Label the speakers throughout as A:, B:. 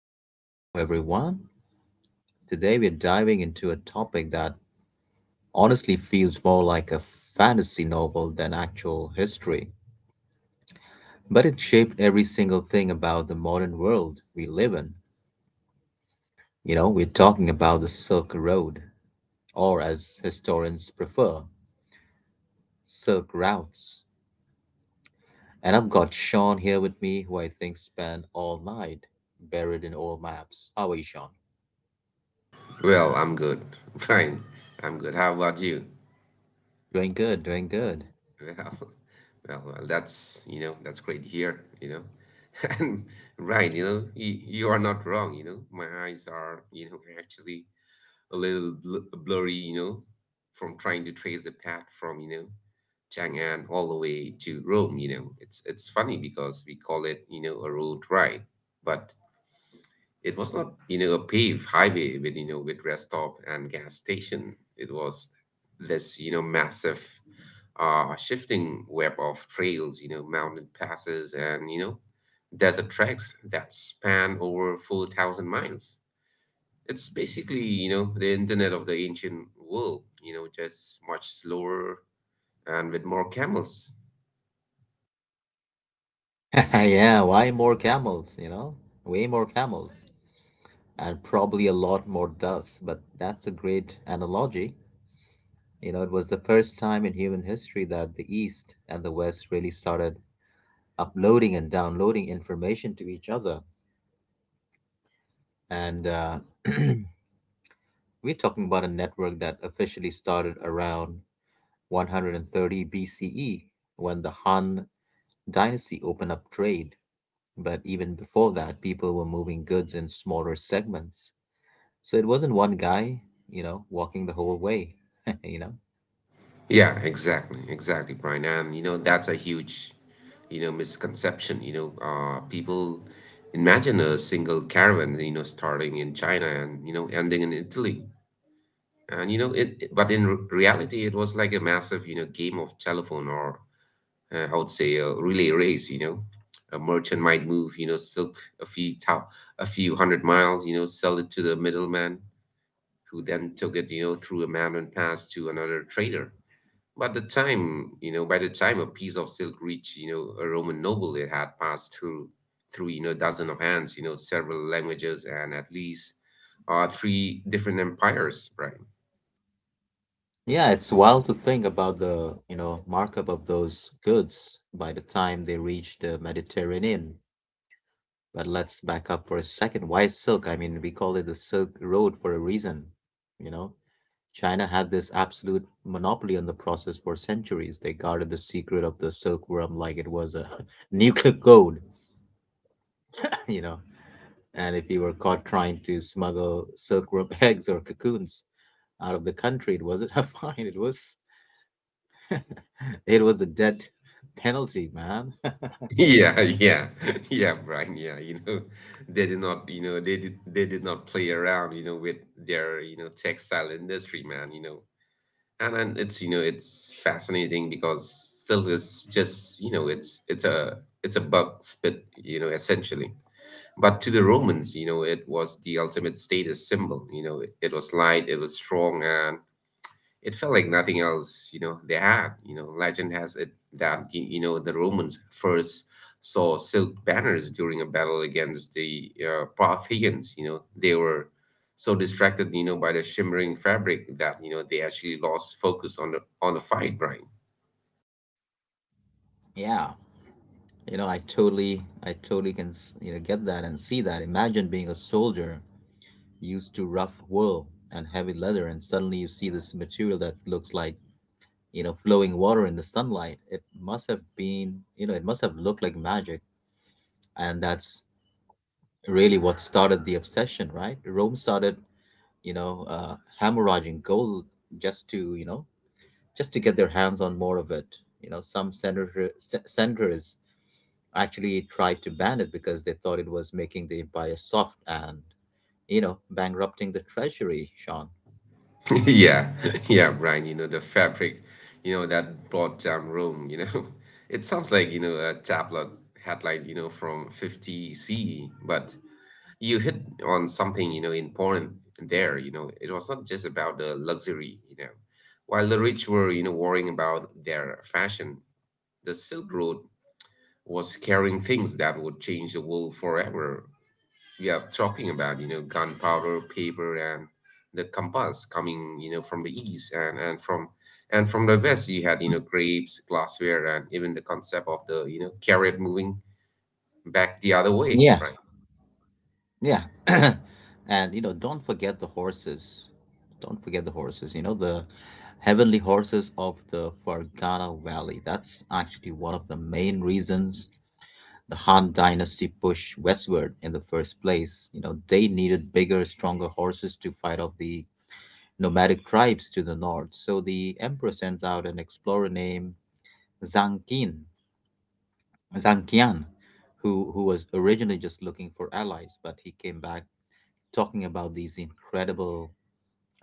A: to the show, everyone. Today we're diving into a topic that honestly feels more like a fantasy novel than actual history, but it shaped every single thing about the modern world we live in. You know, we're talking about the Silk Road, or as historians prefer, Silk Routes. And I've got Sean here with me, who I think spent all night buried in old maps. How are you, Sean?
B: Well, I'm good, Brian. I'm good. How about you?
A: Doing good, doing good.
B: Well, well, that's great here. And Brian, you are not wrong. My eyes are, actually a little bl blurry, you know, from trying to trace the path from, Chang'an all the way to Rome. It's funny because we call it, a road ride, but it was not, a paved highway with rest stop and gas station. It was this, massive shifting web of trails, mountain passes and, desert tracks that span over 4,000 miles. It's basically, the internet of the ancient world, just much slower and with more camels.
A: Yeah, why more camels, you know? Way more camels and probably a lot more dust, but that's a great analogy. You know, it was the first time in human history that the East and the West really started uploading and downloading information to each other. And we're talking about a network that officially started around 130 BCE when the Han dynasty opened up trade. But even before that, people were moving goods in smaller segments. So it wasn't one guy, you know, walking the whole way, you know?
B: Yeah, exactly, exactly, Brian. And that's a huge, misconception. People imagine a single caravan, starting in China and ending in Italy. And you know, it, but in re reality, it was like a massive, game of telephone, or I would say a relay race. A merchant might move, silk a a few hundred miles, sell it to the middleman, who then took it, through a mountain pass to another trader. But the time, you know, By the time a piece of silk reached, a Roman noble, it had passed through, dozen of hands, several languages, and at least three different empires, Brian.
A: Yeah, it's wild to think about the, you know, markup of those goods by the time they reach the Mediterranean. But let's back up for a second. Why silk? I mean, we call it the Silk Road for a reason, you know? China had this absolute monopoly on the process for centuries. They guarded the secret of the silkworm like it was a nuclear code, you know? And if you were caught trying to smuggle silkworm eggs or cocoons out of the country. It wasn't a fine. It was it was a death penalty, man.
B: Yeah, yeah, yeah, Brian. Yeah, they did not, play around, with their, textile industry, man. And it's, it's fascinating because silk is just, it's a bug spit, essentially. But to the Romans, it was the ultimate status symbol. You know, it was light, it was strong, and it felt like nothing else, they had. You know, legend has it that, the Romans first saw silk banners during a battle against the Parthians. You know, they were so distracted, by the shimmering fabric that, they actually lost focus on the fight, Brian.
A: Yeah, you know, I totally can you know get that and see that. Imagine being a soldier used to rough wool and heavy leather, and suddenly you see this material that looks like, you know, flowing water in the sunlight. It must have been, you know, it must have looked like magic, and that's really what started the obsession, right? Rome started, you know, hemorrhaging gold just to, you know, just to get their hands on more of it. You know, some senators actually tried to ban it because they thought it was making the empire soft and, you know, bankrupting the treasury, Sean.
B: Yeah, yeah, Brian, the fabric, that broad-down room, it sounds like, a tabloid headline, from 50 CE, but you hit on something, important there, it was not just about the luxury. While the rich were, worrying about their fashion, the Silk Road was carrying things that would change the world forever. We are talking about gunpowder, paper, and the compass coming from the east, and from the west you had grapes, glassware, and even the concept of the carrot moving back the other way,
A: Yeah,
B: right.
A: yeah. And, you know, don't forget the horses. Don't forget the horses. You know, the heavenly horses of the Fergana Valley. That's actually one of the main reasons the Han dynasty pushed westward in the first place. You know, they needed bigger, stronger horses to fight off the nomadic tribes to the north. So the emperor sends out an explorer named Zhang Qin, Zhang Qian, who was originally just looking for allies, but he came back talking about these incredible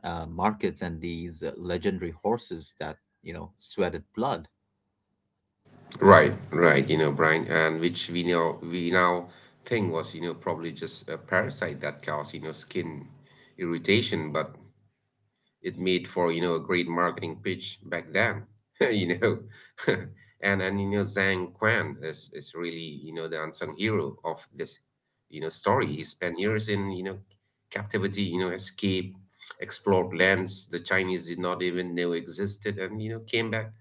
A: markets and these legendary horses that, you know, sweated blood.
B: Right, right, Brian, and which we know we now think was probably just a parasite that caused skin irritation, but it made for, a great marketing pitch back then. you know. And Zhang Quan is really, the unsung hero of this, story. He spent years in, captivity, escaped, explored lands the Chinese did not even know existed, and came back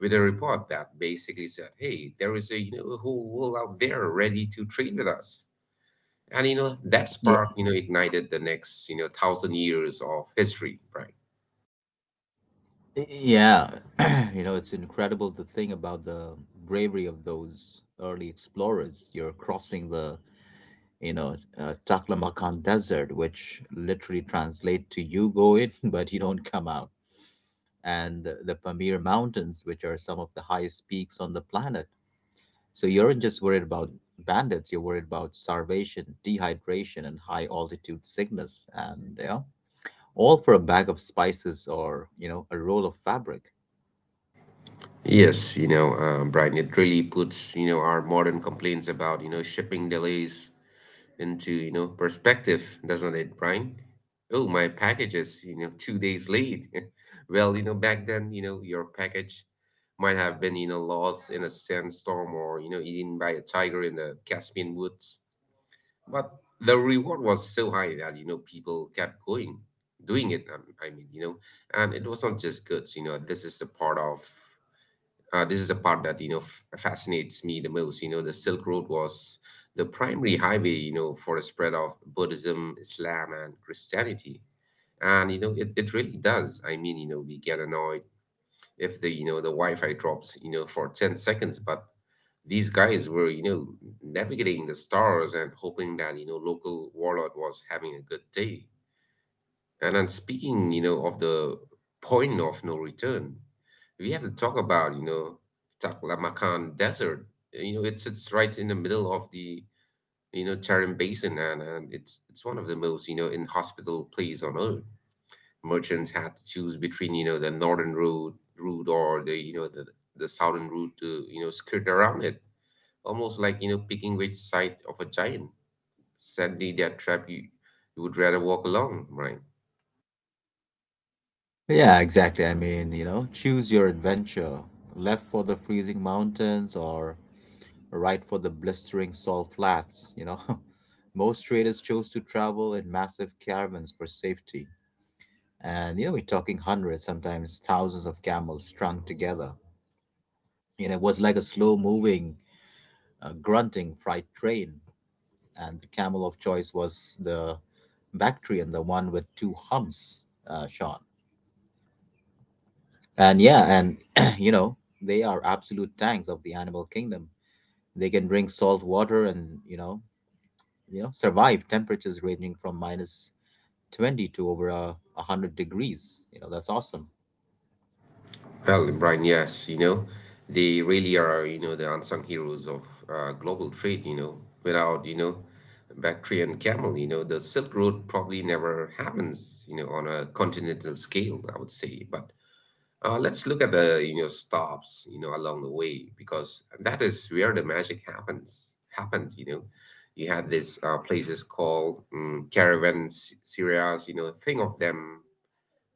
B: with a report that basically said, "Hey, there is a a whole world out there ready to trade with us," and that
A: Yeah,
B: spark ignited the next thousand years of history, right.
A: yeah. You know, it's incredible to think about the bravery of those early explorers. You're crossing the, you know, Taklamakan Desert, which literally translate to you go in but you don't come out, and the Pamir Mountains, which are some of the highest peaks on the planet. So you're not just worried about bandits, you're worried about starvation, dehydration, and high altitude sickness, and yeah, all for a bag of spices or, you know, a roll of fabric.
B: Yes, Brian, it really puts, our modern complaints about, shipping delays into, perspective, doesn't it, Brian? Oh, my package is, 2 days late. Well, back then, your package might have been, lost in a sandstorm, or, eaten by a tiger in the Caspian woods. But the reward was so high that, people kept going, doing it. I mean, and it was not just goods. This is the part that fascinates me the most. The Silk Road was the primary highway for a spread of Buddhism, Islam, and Christianity. And it really does. I mean, we get annoyed if the wi-fi drops for 10 seconds, but these guys were navigating the stars and hoping that local warlord was having a good day. And I'm speaking, of the point of no return. We have to talk about, Taklamakan Desert. It's right in the middle of the, Tarim Basin, and it's one of the most, inhospitable place on earth. Merchants had to choose between, the northern route or the southern route to, skirt around it, almost like, picking which side of a giant. Sadly, that trap you would rather walk along, right?
A: Yeah, exactly. I mean, you know, choose your adventure. Left for the freezing mountains or right for the blistering salt flats, you know. Most traders chose to travel in massive caravans for safety. And, you know, we're talking hundreds, sometimes thousands of camels strung together. You know, it was like a slow moving, grunting freight train. And the camel of choice was the Bactrian, the one with two humps, Sean. And yeah, and, you know, they are absolute tanks of the animal kingdom. They can drink salt water and, you know, survive temperatures ranging from minus 20 to over 100 degrees, you know, that's awesome.
B: Well, and Brian, yes, they really are, the unsung heroes of global trade, without, Bactria and camel, the Silk Road probably never happens, on a continental scale, I would say. But let's look at the, stops, along the way, because that is where the magic happens, happened, you know. You had these places called caravan serias, think of them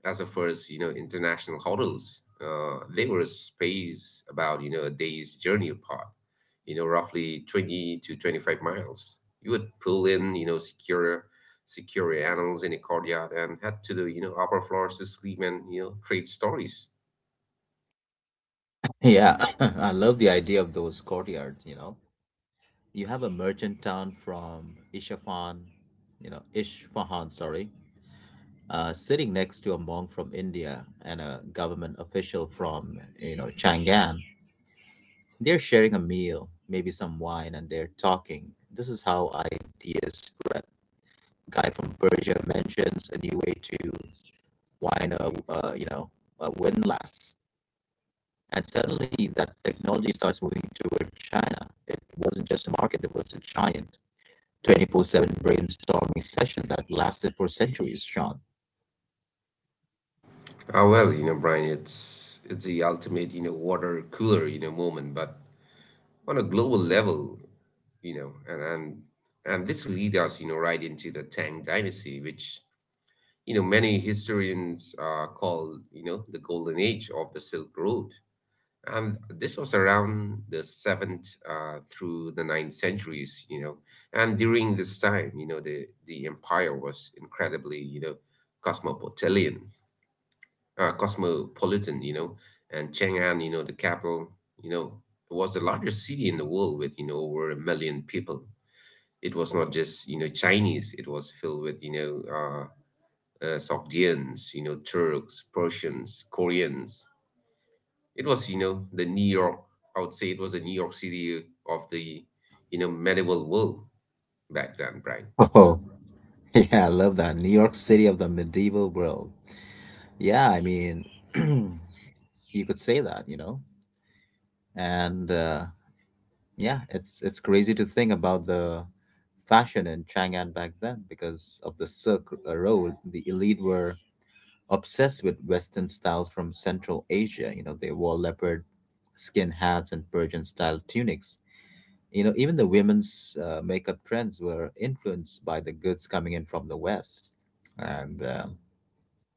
B: as a first, international hotels. They were a space about, a day's journey apart, roughly 20 to 25 miles. You would pull in, secure animals in a courtyard and head to the, upper floors to sleep and, trade stories.
A: Yeah. I love the idea of those courtyards. You know, you have a merchant town from isfahan you know isfahan, sorry, sitting next to a monk from India and a government official from, you know, Chang'an. They're sharing a meal, maybe some wine, and they're talking. This is how ideas spread. Guy from Persia mentions a new way to win or, uh, you know win less. And suddenly that technology starts moving toward China. It wasn't just a market; it was a giant 24/7 brainstorming session that lasted for centuries, Sean.
B: Ah, well, Brian, it's the ultimate, water cooler, moment, but on a global level, you know, and and and this leads us, right into the Tang Dynasty, which many historians call the golden age of the Silk Road. And this was around the 7th, through the ninth centuries. And during this time, the empire was incredibly, cosmopolitan cosmopolitan, and Chang'an, the capital, you know was the largest city in the world with over a million people. It was not just Chinese. It was filled with Sogdians, Turks, Persians, Koreans. It was, the New York, I would say it was the New York City of the, medieval world back then, Brian.
A: Oh, yeah, I love that New York City of the medieval world. Yeah, I mean, you could say that, you know, and yeah, it's crazy to think about the fashion in Chang'an back then because of the Silk Road. The elite were obsessed with Western styles from Central Asia. You know, they wore leopard skin hats and Persian style tunics. You know, even the women's makeup trends were influenced by the goods coming in from the West. And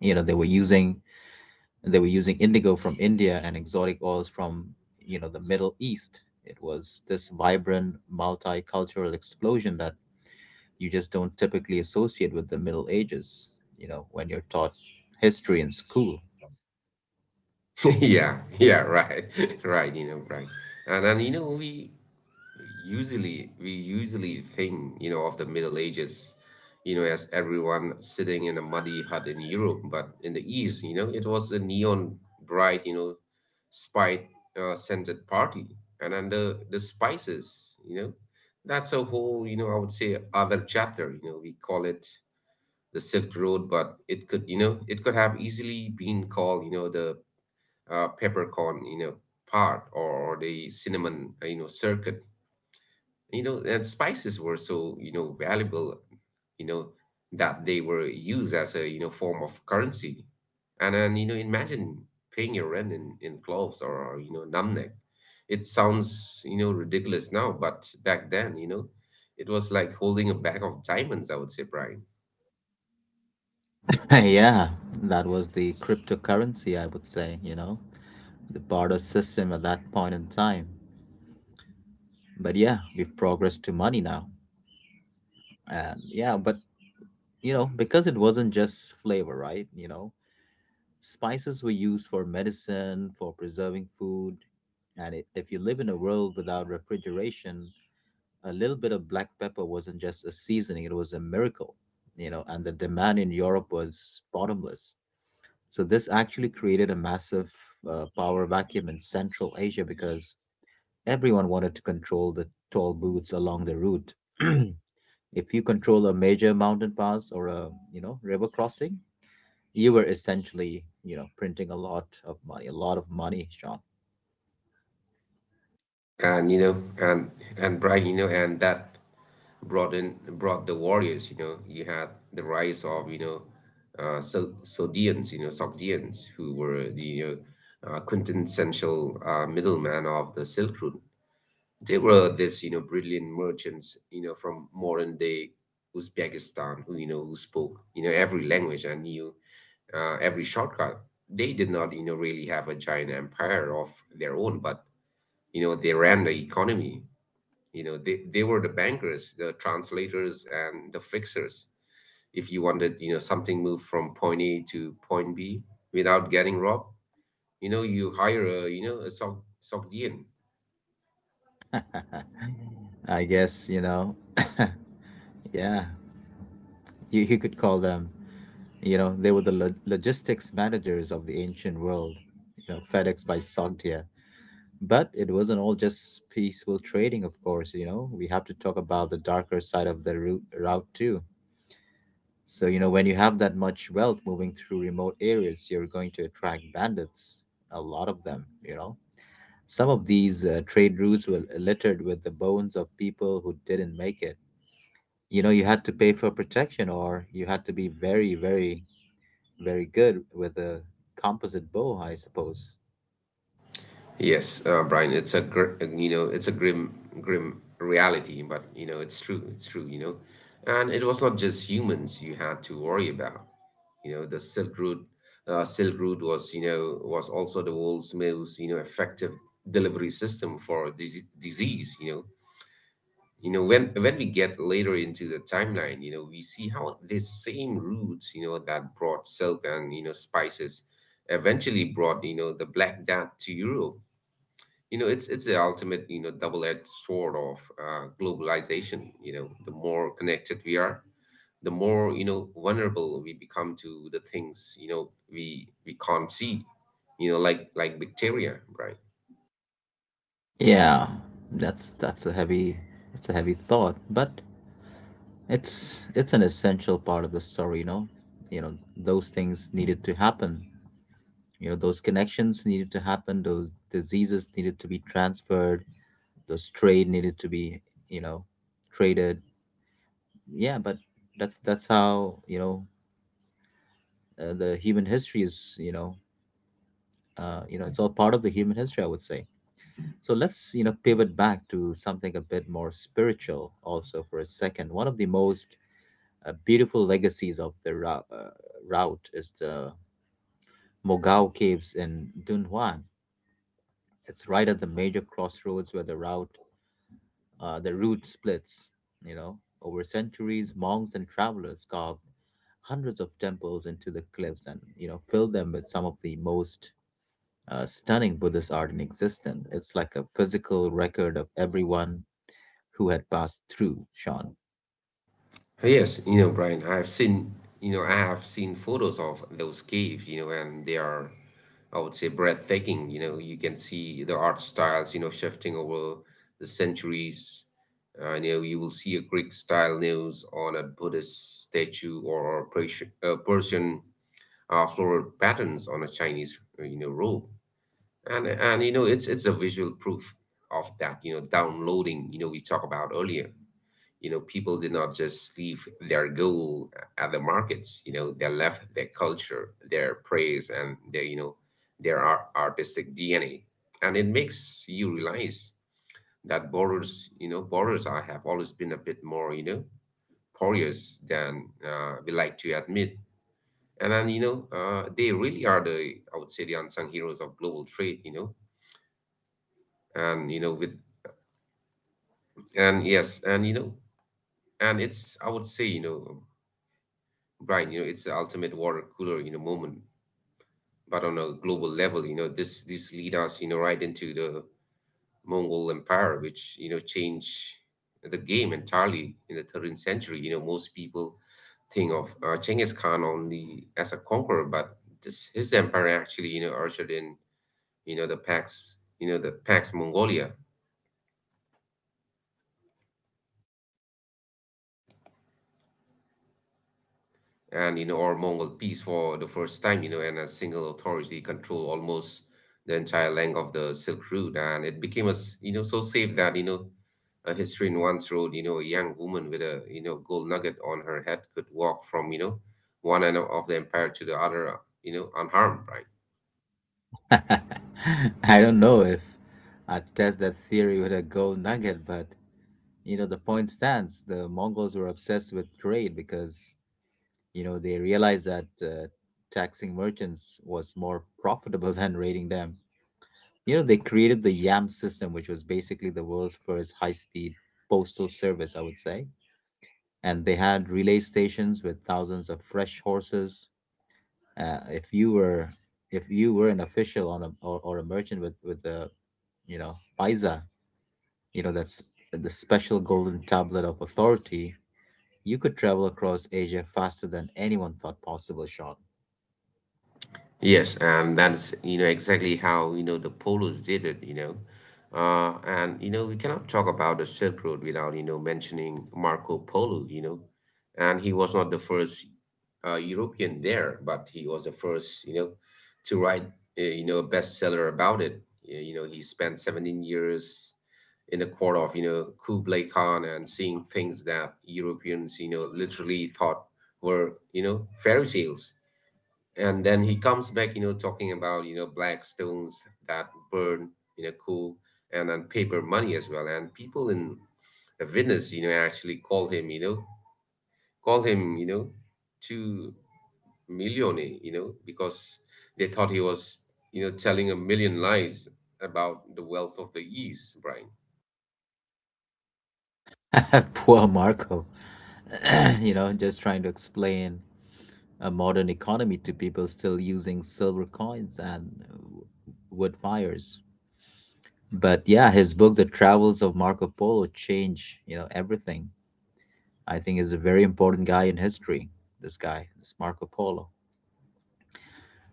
A: you know, they were using indigo from India and exotic oils from, you know, the Middle East. It was this vibrant multicultural explosion that you just don't typically associate with the Middle Ages, you know, when you're taught history in school.
B: Yeah, yeah, right, right, right. And, we usually think of the Middle Ages, as everyone sitting in a muddy hut in Europe, but in the east, it was a neon bright, spice, scented party. And under the spices, that's a whole, I would say, other chapter. We call it the Silk Road, but it could have easily been called, the peppercorn, part or the cinnamon, circuit. And spices were so, valuable, you know that they were used as a, form of currency. And then, imagine paying your rent in cloves, or namnek. It sounds, ridiculous now, but back then, it was like holding a bag of diamonds, I would say, Brian.
A: Yeah, that was the cryptocurrency, I would say, you know, the barter system at that point in time. But yeah, we've progressed to money now. And yeah, but you know, because it wasn't just flavor, right? You know, spices were used for medicine, for preserving food. And I if you live in a world without refrigeration, a little bit of black pepper wasn't just a seasoning, it was a miracle, you know, and the demand in Europe was bottomless. So this actually created a massive power vacuum in Central Asia because everyone wanted to control the toll booths along the route. If you control a major mountain pass or a, you know, river crossing, you were essentially, you know, printing a lot of money, a lot of money, Sean.
B: And you know and and Brian, you know and that brought the warriors. You had the rise of, Sogdians. Sogdians who were the, quintessential, middleman of the Silk Road. They were this, brilliant merchants, from modern day Uzbekistan, who spoke every language, and knew every shortcut. They did not, really have a giant empire of their own, but they ran the economy. They were the bankers, the translators, and the fixers. If you wanted something moved from point A to point B without getting robbed, you hire a you know a Sog Sogdian.
A: I guess, you know, yeah, you could call them, you know, they were the logistics managers of the ancient world, you know, FedEx by Sogdia. But it wasn't all just peaceful trading, of course, you know. We have to talk about the darker side of the route too. So, you know, when you have that much wealth moving through remote areas, you're going to attract bandits, a lot of them, you know. Some of these trade routes were littered with the bones of people who didn't make it. You know, you had to pay for protection or you had to be very, very good with a composite bow, I suppose.
B: Yes, Brian, it's a grim reality, but it's true, it's true. You know. And it was not just humans you had to worry about. You know, the Silk Route was was also the world's most effective delivery system for disease. You know, when we get later into the timeline, we see how these same routes that brought silk and spices eventually brought the Black Death to Europe. It's the ultimate double-edged sword of globalization. The more connected we are, the more vulnerable we become to the things we can't see, like bacteria, right?
A: Yeah, that's a heavy it's a heavy thought, but it's an essential part of the story, you know. You know, those things needed to happen. You know, those connections needed to happen, those diseases needed to be transferred, those trade needed to be, you know, traded. Yeah, but that's how, you know, the human history is, you know, it's all part of the human history, I would say. So let's, you know, pivot back to something a bit more spiritual also for a second. One of the most beautiful legacies of the route is the Mogao Caves in Dunhuan. It's right at the major crossroads where the route splits, you know. Over centuries, monks and travelers carved hundreds of temples into the cliffs and, you know, filled them with some of the most stunning Buddhist art in existence. It's like a physical record of everyone who had passed through, Sean.
B: Yes, you know, Brian, I have seen photos of those caves, you know, and they are, I would say, breathtaking. You know, you can see the art styles you know, shifting over the centuries. You know, you will see a Greek style nails on a Buddhist statue, or a Persian floral patterns on a Chinese, you know, robe. And you know, it's a visual proof of that, you know, downloading you know, we talked about earlier. You know, people did not just leave their gold at the markets. You know, they left their culture, their praise and their their artistic DNA. And it makes you realize that borders you know borders I have always been a bit more, you know, porous than we like to admit. And then, you know, they really are, the I would say, the unsung heroes of global trade, you know. And you know with and yes and you know and it's I would say you know Right, you know, it's the ultimate water cooler, you know, moment. But on a global level, you know, this lead us, you know, right into the Mongol Empire, which you know changed the game entirely in the 13th century. You know, most people think of Genghis Khan only as a conqueror, but this his empire actually, you know, ushered in, you know, the Pax Mongolia, and you know, or Mongol peace, for the first time. You know, and a single authority controlled almost the entire length of the Silk Road, and it became, as you know, so safe that, you know, a historian once wrote, you know, a young woman with a, you know, gold nugget on her head could walk from, you know, one end of the empire to the other, you know, unharmed, right?
A: I don't know if I'd test that theory with a gold nugget, but you know, the point stands. The Mongols were obsessed with trade because you know they realized that taxing merchants was more profitable than raiding them. You know, they created the YAM system, which was basically the world's first high speed postal service, I would say. And they had relay stations with thousands of fresh horses. If you were, if you were an official on a or a merchant with the, you know, paisa, you know, that's the special golden tablet of authority, you could travel across Asia faster than anyone thought possible, Sean.
B: Yes, and that's, you know, exactly how, you know, the Polos did it, you know. And you know we cannot talk about the Silk Road without, you know, mentioning Marco Polo, you know, and he was not the first European there, but he was the first, you know, to write you know, a bestseller about it. You know, he spent 17 years in the court of, you know, Kublai Khan, and seeing things that Europeans, you know, literally thought were, you know, fairy tales. And then he comes back, you know, talking about, you know, black stones that burn, you know, coal, and paper money as well. And people in the witness, you know, actually call him, you know, two millionaire, you know, because they thought he was, you know, telling a million lies about the wealth of the East, Brian.
A: Poor Marco, you know, just trying to explain a modern economy to people still using silver coins and uh, wood fires. But yeah, his book, The Travels of Marco Polo, changed, you know, everything. I think is a very important guy in history. This guy, this Marco Polo.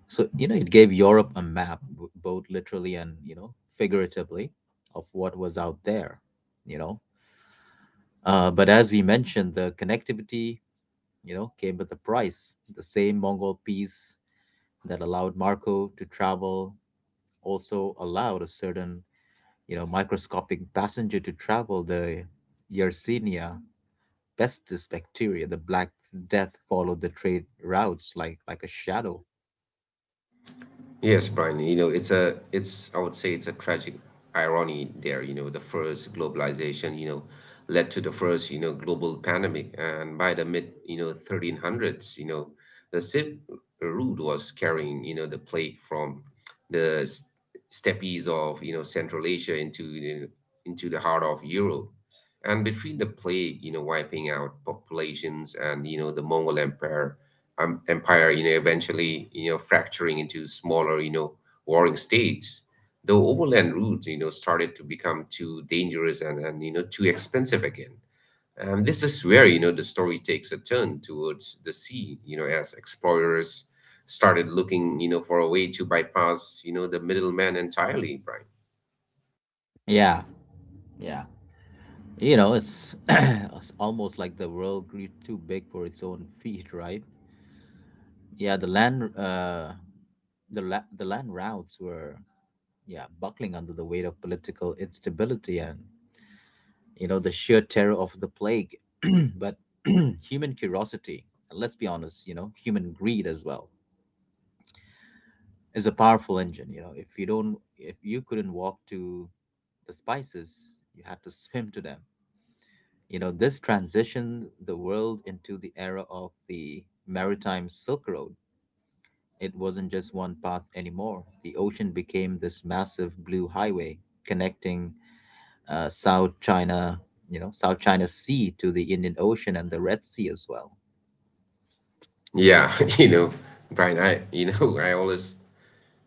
A: So you know, it gave Europe a map, both literally and, you know, figuratively, of what was out there. You know, but as we mentioned, the connectivity came with a price. The same Mongol peace that allowed Marco to travel also allowed a certain, microscopic passenger to travel the Yersinia pestis bacteria. The Black Death followed the trade routes like a shadow.
B: Yes, Brian, you know, I would say it's a tragic irony there. You know, the first globalization, you know, led to the first, you know, global pandemic. And by the mid, you know, 1300s, you know, the Silk Route was carrying, you know, the plague from the steppes of, you know, Central Asia into, you know, into the heart of Europe. And between the plague, you know, wiping out populations and, you know, the Mongol Empire, you know, eventually, you know, fracturing into smaller, you know, warring states. The overland route, you know, started to become too dangerous and, you know, too expensive again. And this is where, you know, the story takes a turn towards the sea, you know, as explorers started looking, you know, for a way to bypass, you know, the middleman entirely, Brian.
A: Yeah, yeah. It's almost like the world grew too big for its own feet, right? Yeah, the land routes were, yeah, buckling under the weight of political instability and the sheer terror of the plague, but human curiosity, and let's be honest, you know, human greed as well, is a powerful engine. If you couldn't walk to the spices, you had to swim to them. You know, this transitioned the world into the era of the maritime Silk Road. It wasn't just one path anymore. The ocean became this massive blue highway connecting South China, you know, South China Sea to the Indian Ocean and the Red Sea as well.
B: Yeah, you know, Brian, I always,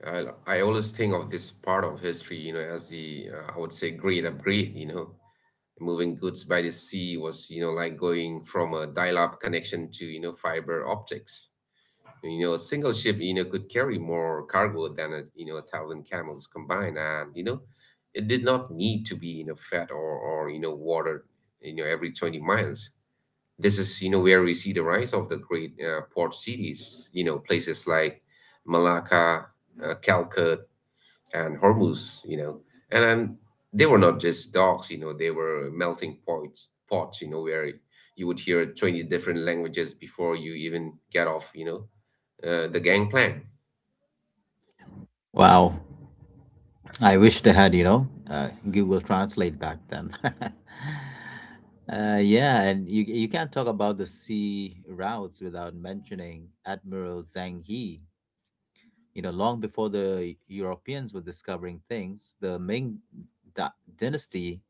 B: I, I always think of this part of history, you know, as the, I would say, great upgrade, you know. Moving goods by the sea was, you know, like going from a dial-up connection to, you know, fiber optics. You know, a single ship, you know, could carry more cargo than a thousand camels combined, and you know, it did not need to be, you know, fed or you know, watered, you know, every 20 miles. This is, you know, where we see the rise of the great port cities. You know, places like Malacca, Calcutta and Hormuz, you know, and then they were not just docks, you know, they were melting pots, you know, where you would hear 20 different languages before you even get off, you know, the gangplank.
A: Wow, I wish they had, Google Translate back then. Yeah, and you can't talk about the sea routes without mentioning Admiral Zhang He. You know, long before the Europeans were discovering things, the dynasty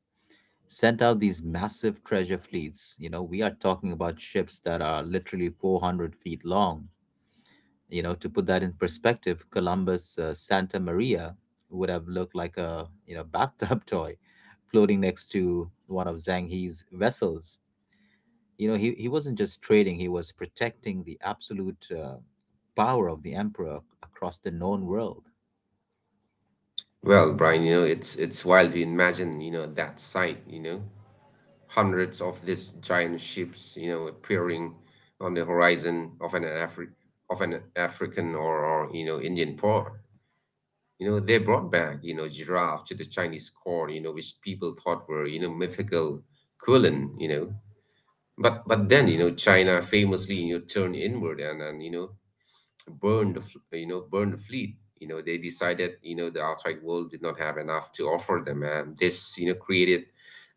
A: sent out these massive treasure fleets. You know, we are talking about ships that are literally 400 feet long. You know, to put that in perspective, Columbus Santa Maria would have looked like a you know bathtub toy floating next to one of Zhang He's vessels. You know, he wasn't just trading; he was protecting the absolute power of the emperor across the known world.
B: Well, Brian, you know, it's wild to imagine, you know, that sight, you know, hundreds of these giant ships, you know, appearing on the horizon of an of an African, or you know, Indian port. You know, they brought back, you know, giraffe to the Chinese court, you know, which people thought were, you know, mythical Quilin, you know. But then, you know, China famously, you know, turned inward, and you know, burned the f- you know burned the fleet. You know, they decided, you know, the outside world did not have enough to offer them, and this, you know, created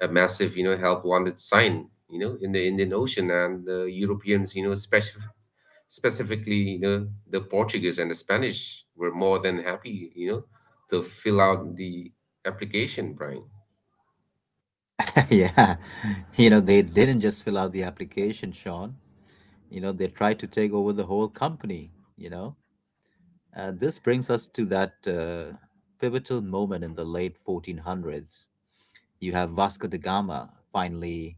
B: a massive, you know, help wanted sign, you know, in the Indian Ocean. And the Europeans, you know, specifically, you know, the Portuguese and the Spanish were more than happy, you know, to fill out the application, Brian.
A: Yeah, you know, they didn't just fill out the application, Sean. You know, they tried to take over the whole company. You know, this brings us to that pivotal moment in the late 1400s. You have Vasco da Gama finally,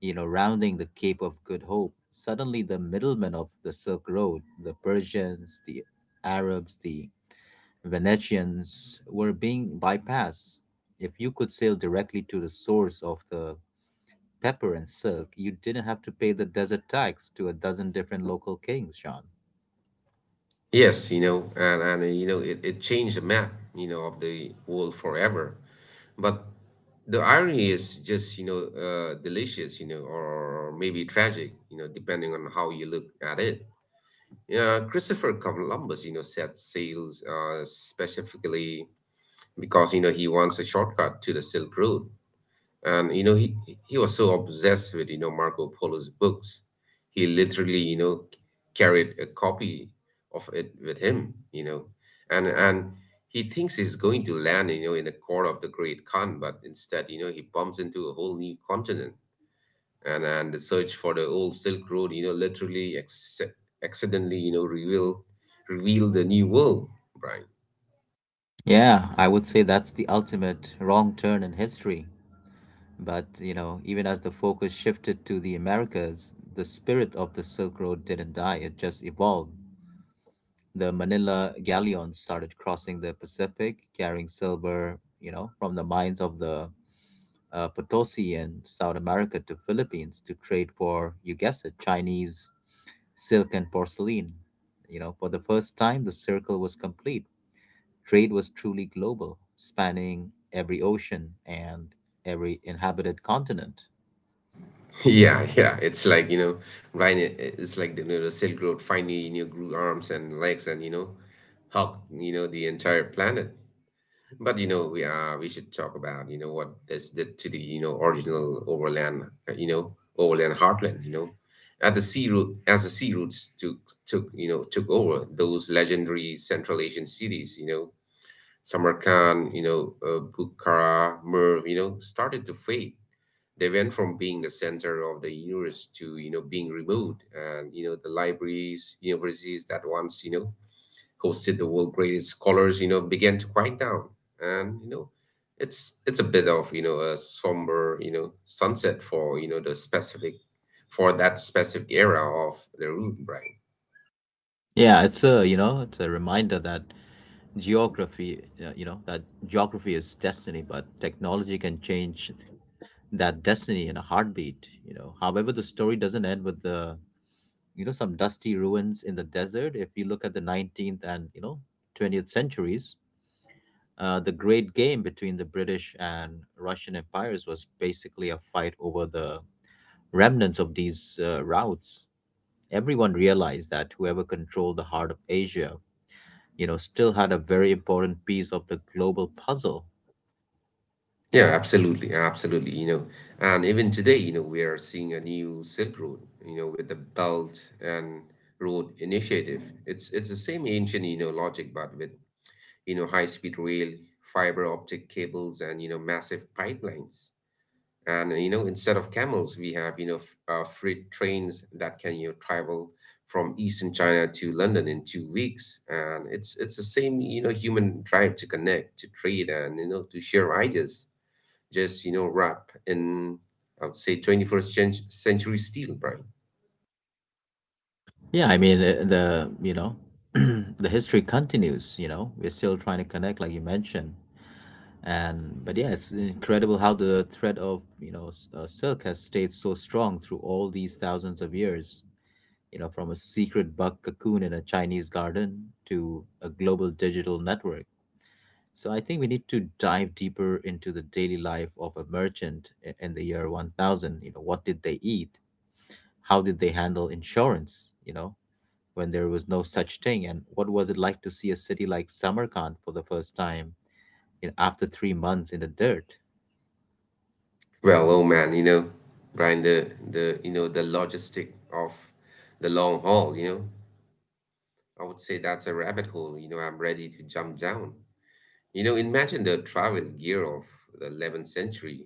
A: you know, rounding the Cape of Good Hope. Suddenly, the middlemen of the Silk Road, the Persians, the Arabs, the Venetians, were being bypassed. If you could sail directly to the source of the pepper and silk, you didn't have to pay the desert tax to a dozen different local kings, Sean.
B: Yes, you know, and you know, it changed the map, you know, of the world forever. But the irony is just, you know, delicious, you know, or maybe tragic, you know, depending on how you look at it. Yeah, Christopher Columbus, you know, set sails specifically because you know he wants a shortcut to the Silk Road, and you know he was so obsessed with, you know, Marco Polo's books, he literally, you know, carried a copy of it with him, you know, and he thinks he's going to land, you know, in the core of the Great Khan, but instead, you know, he bumps into a whole new continent. And the search for the old Silk Road, you know, literally accidentally, you know, reveal the new world, Brian.
A: Yeah, I would say that's the ultimate wrong turn in history. But, you know, even as the focus shifted to the Americas, the spirit of the Silk Road didn't die, it just evolved. The Manila galleons started crossing the Pacific, carrying silver, you know, from the mines of the Potosi in South America to Philippines to trade for, you guess it, Chinese silk and porcelain. You know, for the first time, the circle was complete. Trade was truly global, spanning every ocean and every inhabited continent.
B: Yeah, yeah, it's like, you know, Brian, it's like the Silk Road finally, you know, grew arms and legs and, you know, hugged, you know, the entire planet. But you know, we should talk about, you know, what this did to the, you know, original overland heartland. You know, at the sea route as the sea routes took took you know took over those legendary Central Asian cities. You know, Samarkand, Bukhara, Merv, you know, started to fade. They went from being the center of the universe to, you know, being removed. And you know the libraries, universities that once, you know, hosted the world greatest scholars, you know, began to quiet down. And, you know, it's a bit of, you know, a somber, you know, sunset for, you know, the specific for that specific era of the root, brain.
A: Yeah, it's a, you know, it's a reminder that geography, uh, you know, that geography is destiny, but technology can change that destiny in a heartbeat, you know. However, the story doesn't end with some dusty ruins in the desert. If you look at the 19th and, you know, 20th centuries, the great game between the British and Russian empires was basically a fight over the remnants of these routes. Everyone realized that whoever controlled the heart of Asia, you know, still had a very important piece of the global puzzle.
B: Yeah, absolutely, absolutely. You know, and even today, you know, we are seeing a new Silk Road, you know, with the Belt and Road Initiative. It's the same ancient, you know, logic, but with, you know, high speed rail, fiber optic cables, and you know massive pipelines. And you know instead of camels we have, you know, freight trains that can, you know, travel from Eastern China to London in 2 weeks. And it's the same, you know, human drive to connect, to trade, and, you know, to share ideas, just, you know, wrap in, I would say, 21st century steel, Brian.
A: Yeah, I mean, uh, the, you know, the history continues, you know, we're still trying to connect, like you mentioned. But yeah, it's incredible how the thread of, silk has stayed so strong through all these thousands of years. You know, from a secret bug cocoon in a Chinese garden to a global digital network. So I think we need to dive deeper into the daily life of a in the year 1000. You know, what did they eat? How did they handle insurance? You know, when there was no such thing, and what was it like to see a city like Samarkand for the first time you know, after 3 months in the dirt?
B: Well, oh man, you know, Brian, the you know the logistic of the long haul, you know, I would say that's a rabbit hole, you know, I'm ready to jump down. You know, imagine the travel gear of the 11th century.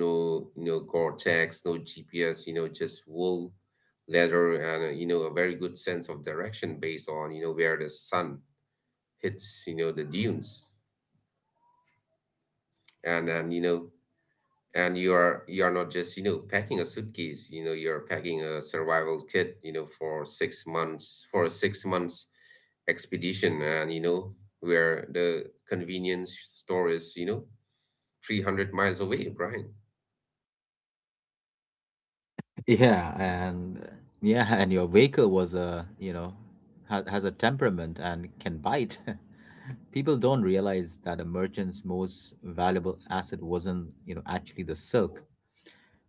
B: No Gore-Tex, no GPS, just wool, leather, and a very good sense of direction based on where the sun hits the dunes. And and you are not just packing a suitcase. You're packing a survival kit for 6 months, for a 6 months expedition, and where the convenience store is 300 miles away, Brian.
A: Yeah, and yeah, and your vehicle was a, you know, ha has a temperament and can bite. People don't realize that a merchant's most valuable asset wasn't, you know, actually the silk.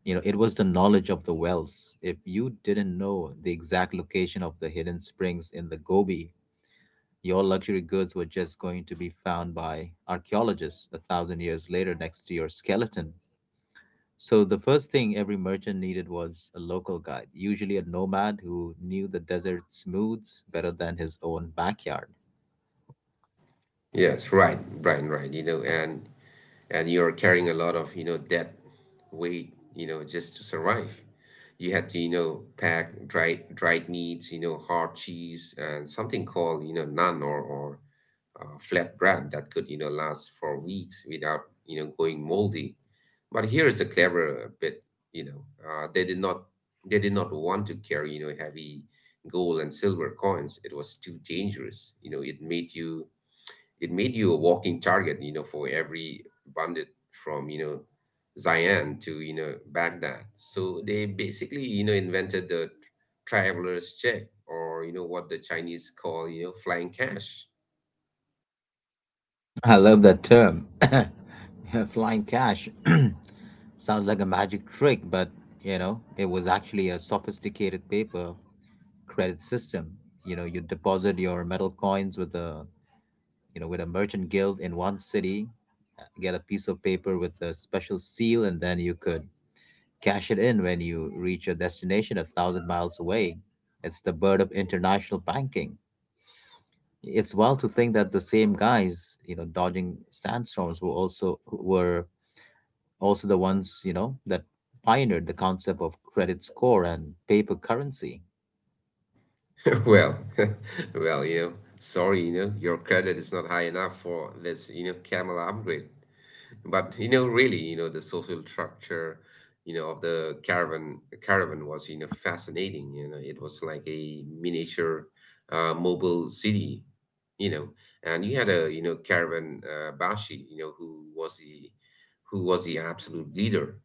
A: You know, it was the knowledge of the wells. If you didn't know the exact location of the hidden springs in the Gobi, your luxury goods were just going to be found by archaeologists a thousand years later next to your skeleton. So the first thing every merchant needed was a local guide, usually a nomad who knew the desert smooths better than his own backyard.
B: Yes, right, Brian, right. And you're carrying a lot of debt weight just to survive. You had to pack dried meats hard cheese, and something called naan or flat bread that could last for weeks without going moldy. But here is a clever bit, you know. Uh, they did not they did not want to carry heavy gold and silver coins. It was too dangerous. It made you a walking target for every bandit from, you know, Zion to, you know, Baghdad. So they basically invented the traveler's check or what the Chinese call flying cash.
A: I love that term. Yeah, flying cash. Sounds like a magic trick, but you know, it was actually a sophisticated paper credit system. You know, you deposit your metal coins with a merchant guild in one city, get a piece of paper with a special seal, and then you could cash it in when you reach your destination a thousand miles away. It's the bird of international banking. It's wild to think that the same guys, you know, dodging sandstorms were also the ones, that pioneered the concept of credit score and paper currency.
B: Well, well, sorry your credit is not high enough for this camel upgrade. But really the social structure of the caravan was fascinating. It was like a miniature mobile city, you know, and you had a caravan bashi, who was the absolute leader.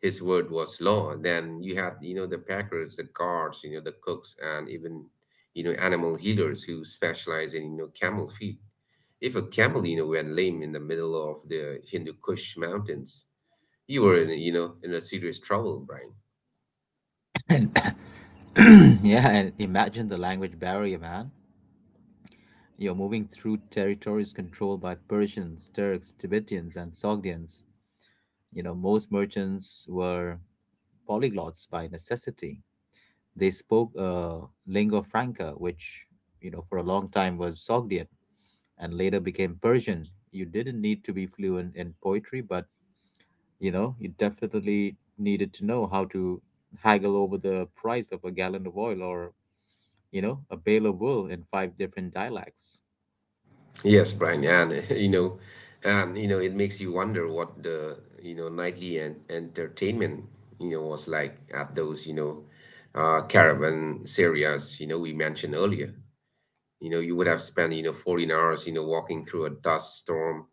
B: His word was law. Then you had the packers, the guards the cooks, and even animal healers who specialize in camel feed. If a camel went lame in the middle of the Hindu Kush mountains, you were in a serious trouble, Brian.
A: And yeah, and imagine the language barrier, man. You're moving through territories controlled by Persians, Turks, Tibetans, and Sogdians. You know, most merchants were polyglots by necessity. They spoke lingua franca, which you know for a long time was Sogdian and later became Persian. You didn't need to be fluent in poetry, but you know you definitely needed to know how to haggle over the price of a gallon of oil or you know a bale of wool in five different dialects.
B: Yes, Brian, and it makes you wonder what the nightly and entertainment was like at those caravan areas we mentioned earlier. You know you would have spent 14 hours walking through a dust storm,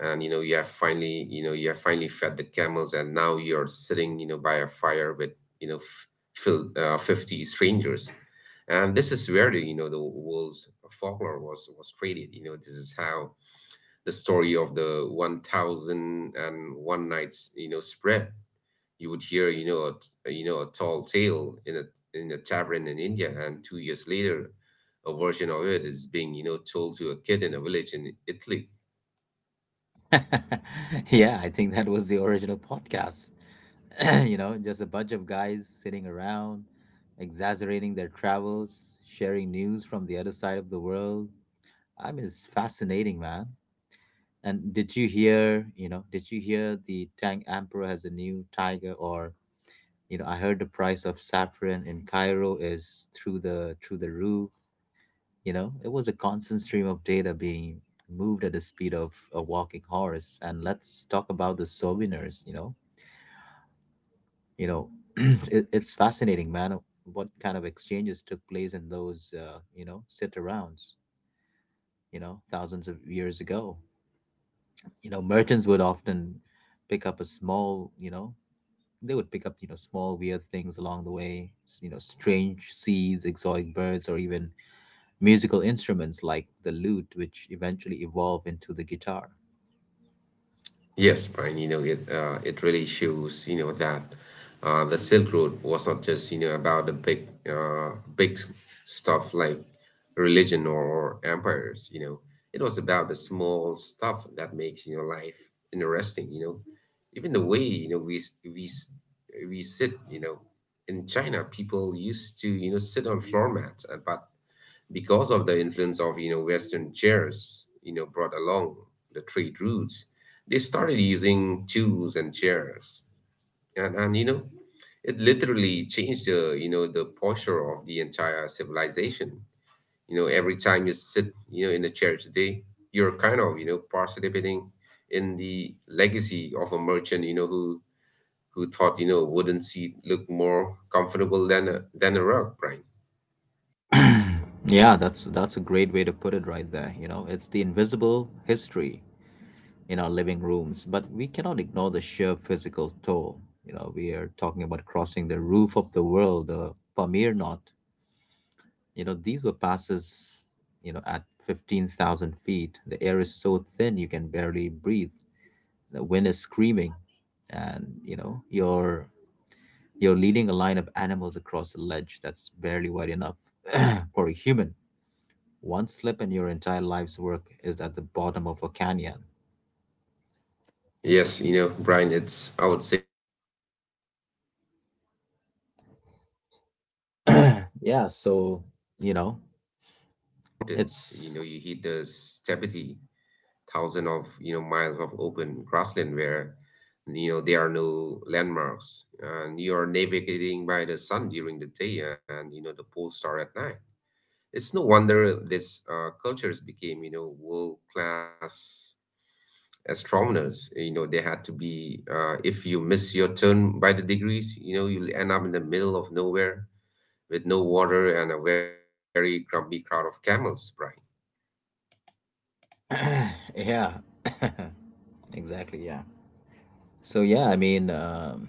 B: and you have finally fed the camels, and now you're sitting by a fire with you know f- 50 strangers. And this is where the the world's folklore was created. This is how the story of the 1001 nights spread. You would hear you know a, t- you know a tall tale in a tavern in India, and 2 years later, a version of it is being told to a kid in a village in Italy.
A: Yeah, I think that was the original podcast. You know, just a bunch of guys sitting around, exaggerating their travels, sharing news from the other side of the world. I mean, it's fascinating, man. And did you hear the Tang Emperor has a new tiger or, you know, I heard the price of saffron in Cairo is through the roof, you know? It was a constant stream of data being moved at the speed of a walking horse. And let's talk about the souvenirs, you know. You know, it's fascinating, man, what kind of exchanges took place in those you know, sit arounds, you know, thousands of years ago. You know merchants would often pick up a small you know they would pick up you know small weird things along the way you know strange seeds, exotic birds, or even musical instruments like the lute, which eventually evolved into the guitar.
B: Yes, Brian, it really shows that the Silk Road was not just about the big stuff like religion or empires. It was about the small stuff that makes life interesting. Even the way we sit in China, people used to sit on floor mats, but because of the influence of Western chairs brought along the trade routes, they started using tools and chairs, and it literally changed the the posture of the entire civilization. Every time you sit in a chair today, you're kind of participating in the legacy of a merchant who thought a wooden seat looked more comfortable than a rug, right?
A: Yeah, that's a great way to put it right there. You know, it's the invisible history in our living rooms, but we cannot ignore the sheer physical toll. You know, we are talking about crossing the roof of the world, the Pamir Knot. You know, these were passes, you know, at 15,000 feet. The air is so thin you can barely breathe. The wind is screaming and, you know, you're leading a line of animals across a ledge that's barely wide enough for a human. One slip and your entire life's work is at the bottom of a canyon.
B: Yes Brian, it's, I would say it's high stakes gambling with your life.
A: yeah,
B: And then
A: so,
B: if
A: you
B: you
A: know,
B: survive the mountains
A: it's
B: you hit the steepity, thousand of miles of open grassland where there are no landmarks. And you are navigating by the sun during the day and the pole star at night. It's no wonder this cultures became world class astronomers. They had to be. If you miss your turn by the degrees, you'll end up in the middle of nowhere with no water and a very grumpy crowd of camels, Brian.
A: yeah. Exactly, yeah. So yeah, I mean,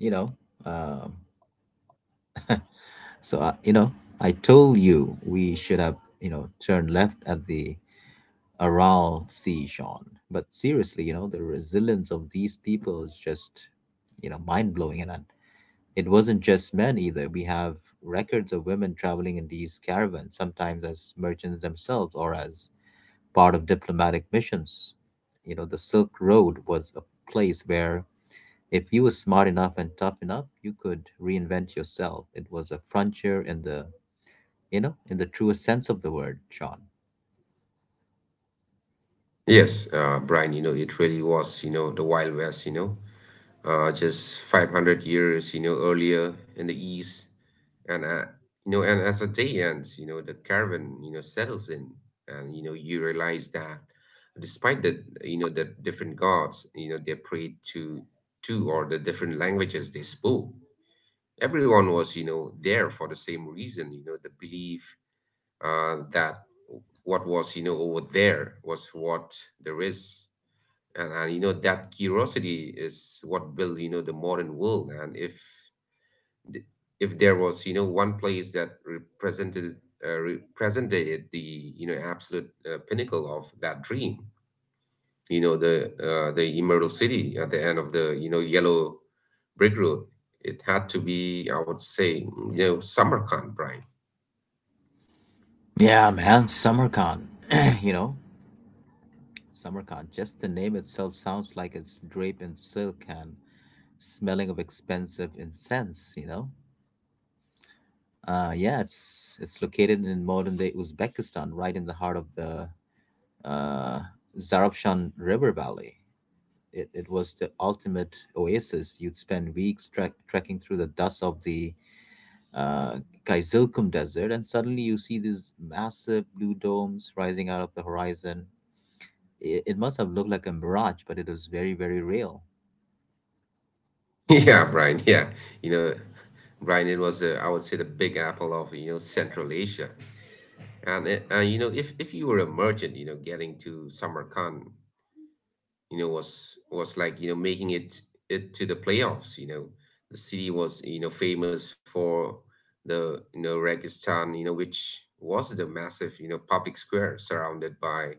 A: you know, um So, you know, I told you we should have, you know, turned left at the Aral Sea, Sean. But seriously, you know, the resilience of these people is just, you know, mind blowing. And it wasn't just men either. We have records of women traveling in these caravans, sometimes as merchants themselves or as part of diplomatic missions. You know, the Silk Road was a place where if you were smart enough and tough enough, you could reinvent yourself. It was a frontier in the in the truest sense of the word, Sean.
B: Yes, Brian, it really was the Wild West, just 500 years earlier in the East. And, uh, and as the day ends the caravan settles in , and you realize that despite the different gods they prayed to, or the different languages they spoke, everyone was there for the same reason the belief that what was over there was what there is. And that curiosity is what built the modern world. And th- if there was one place that represented the absolute pinnacle of that dream, you know the Emerald City at the end of the yellow brick road, it had to be, I would say, Samarkand, Brian.
A: Yeah, man, SummerCon. You know, SummerCon. Just the name itself sounds like it's draped in silk and smelling of expensive incense, you know? Yeah, it's located in modern day Uzbekistan, right in the heart of the uh, Zarafshan River Valley. It was the ultimate oasis. You'd spend weeks trekking through the dust of the uh, Kizilkum Desert, and suddenly you see these massive blue domes rising out of the horizon. It must have looked like a mirage, but it was very, very real.
B: Yeah, Brian. Yeah, you know, Brian, it was I would say the Big Apple of Central Asia, and if you were a merchant getting to Samarkand, was like making it to the playoffs. The city was famous for the Registan, which was the massive public square surrounded by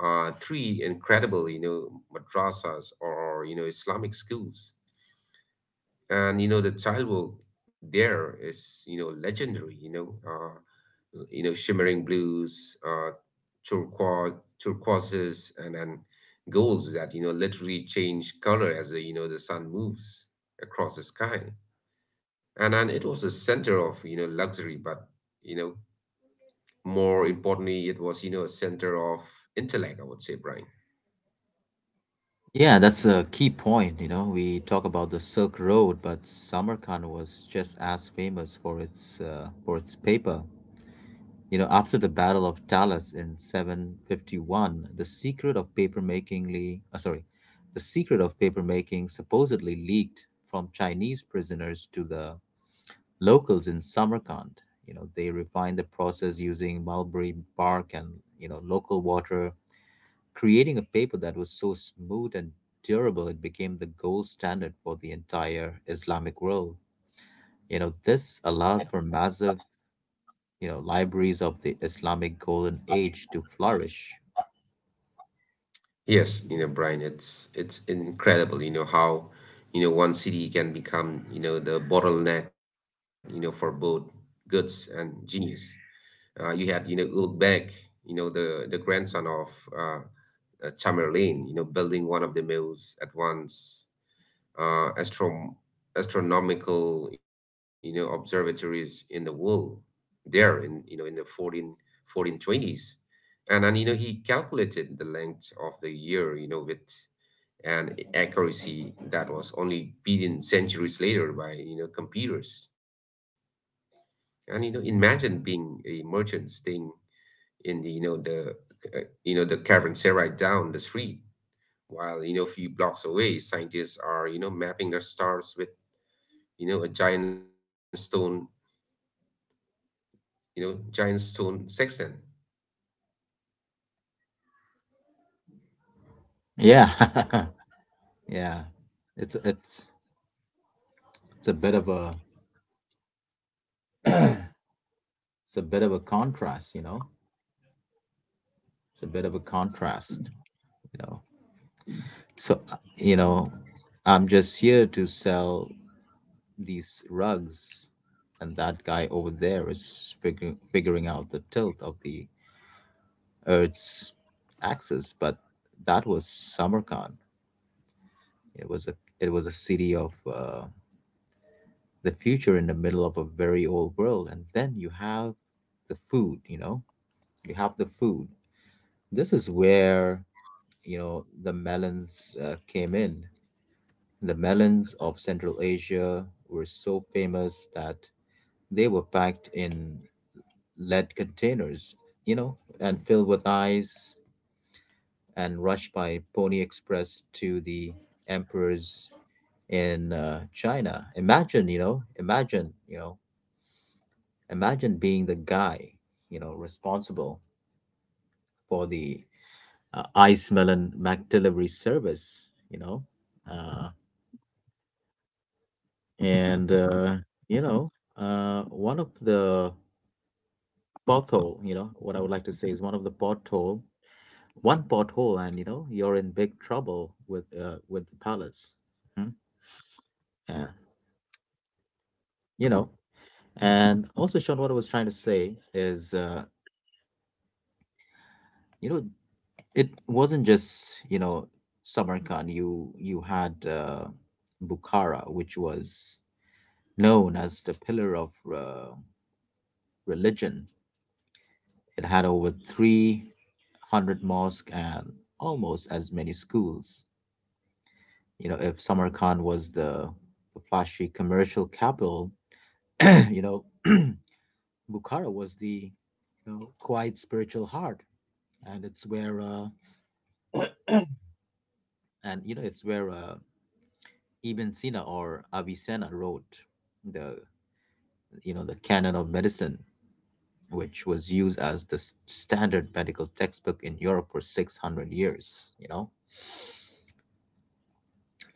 B: three incredible madrasas, or Islamic schools. And the child will. There is legendary, shimmering blues, turquoise, turquoises, and then golds that literally change color as the you know the sun moves across the sky. And then it was a center of luxury, but you know more importantly, it was a center of intellect, I would say, Brian.
A: Yeah, that's a key point. You know, we talk about the Silk Road, but Samarkand was just as famous for its paper. You know, after the Battle of Talas in 751, the secret of papermaking supposedly leaked from Chinese prisoners to the locals in Samarkand. You know, they refined the process using mulberry bark and local water, creating a paper that was so smooth and durable it became the gold standard for the entire Islamic world. You know, this allowed for massive you know, libraries of the Islamic golden age to flourish.
B: Yes Brian, it's incredible how one city can become the bottleneck for both goods and genius. You had Ulugh Beg, the grandson of uh, Tamerlane, building one of the most advanced astrom astronomical, observatories in the world there in the 1420s, and he calculated the length of the year with and accuracy that was only beaten centuries later by computers. And imagine being a merchant staying in the you know the uh, you know the caravanserai down the street while a few blocks away scientists are mapping the stars with a giant stone sextant.
A: Yeah. Yeah. It's it's a bit of a it's a bit of a contrast. You know. It's a bit of a contrast. You know. So, I'm just here to sell these rugs, and that guy over there is figuring out the tilt of the Earth's axis. But that was Samarkand. It was a it was a city of the future in the middle of a very old world. And then you have the food. You know, you have the food. This is where you know the melons came in. The melons of Central Asia were so famous that they were packed in lead containers you know, and filled with ice, and rushed by Pony Express to the emperors in China. Imagine being the guy you know, responsible for the ice melon mac delivery service, you know, uh, and you know, one of the pothole, you know, what I would like to say is one of the pothole and you know you're in big trouble with the palace. Mhm. and you know and also, Sean, what I was trying to say is, you know it wasn't just you know samarkand. You had Bukhara, which was known as the pillar of religion. It had over 300 mosques and almost as many schools. You know if Samarkand was the flashy commercial capital, you know, Bukhara was the quite spiritual heart, and it's where, and you know it's where Ibn Sina or Avicenna wrote the the canon of Medicine, which was used as the standard medical textbook in Europe for 600 years. You know,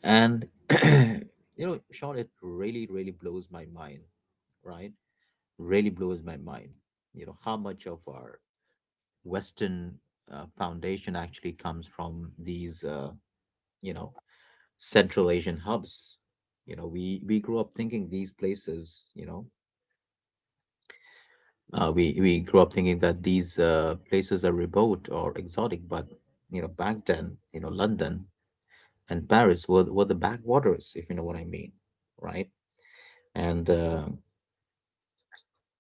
A: and, you know, Sean, it really blows my mind, right? Really blows my mind. You know how much of our Western foundation actually comes from these, you know, Central Asian hubs. You know, we grew up thinking these places, you know, We grew up thinking that these places are remote or exotic, but you know, back then, you know, London and Paris were the backwaters, if you know what I mean, right? And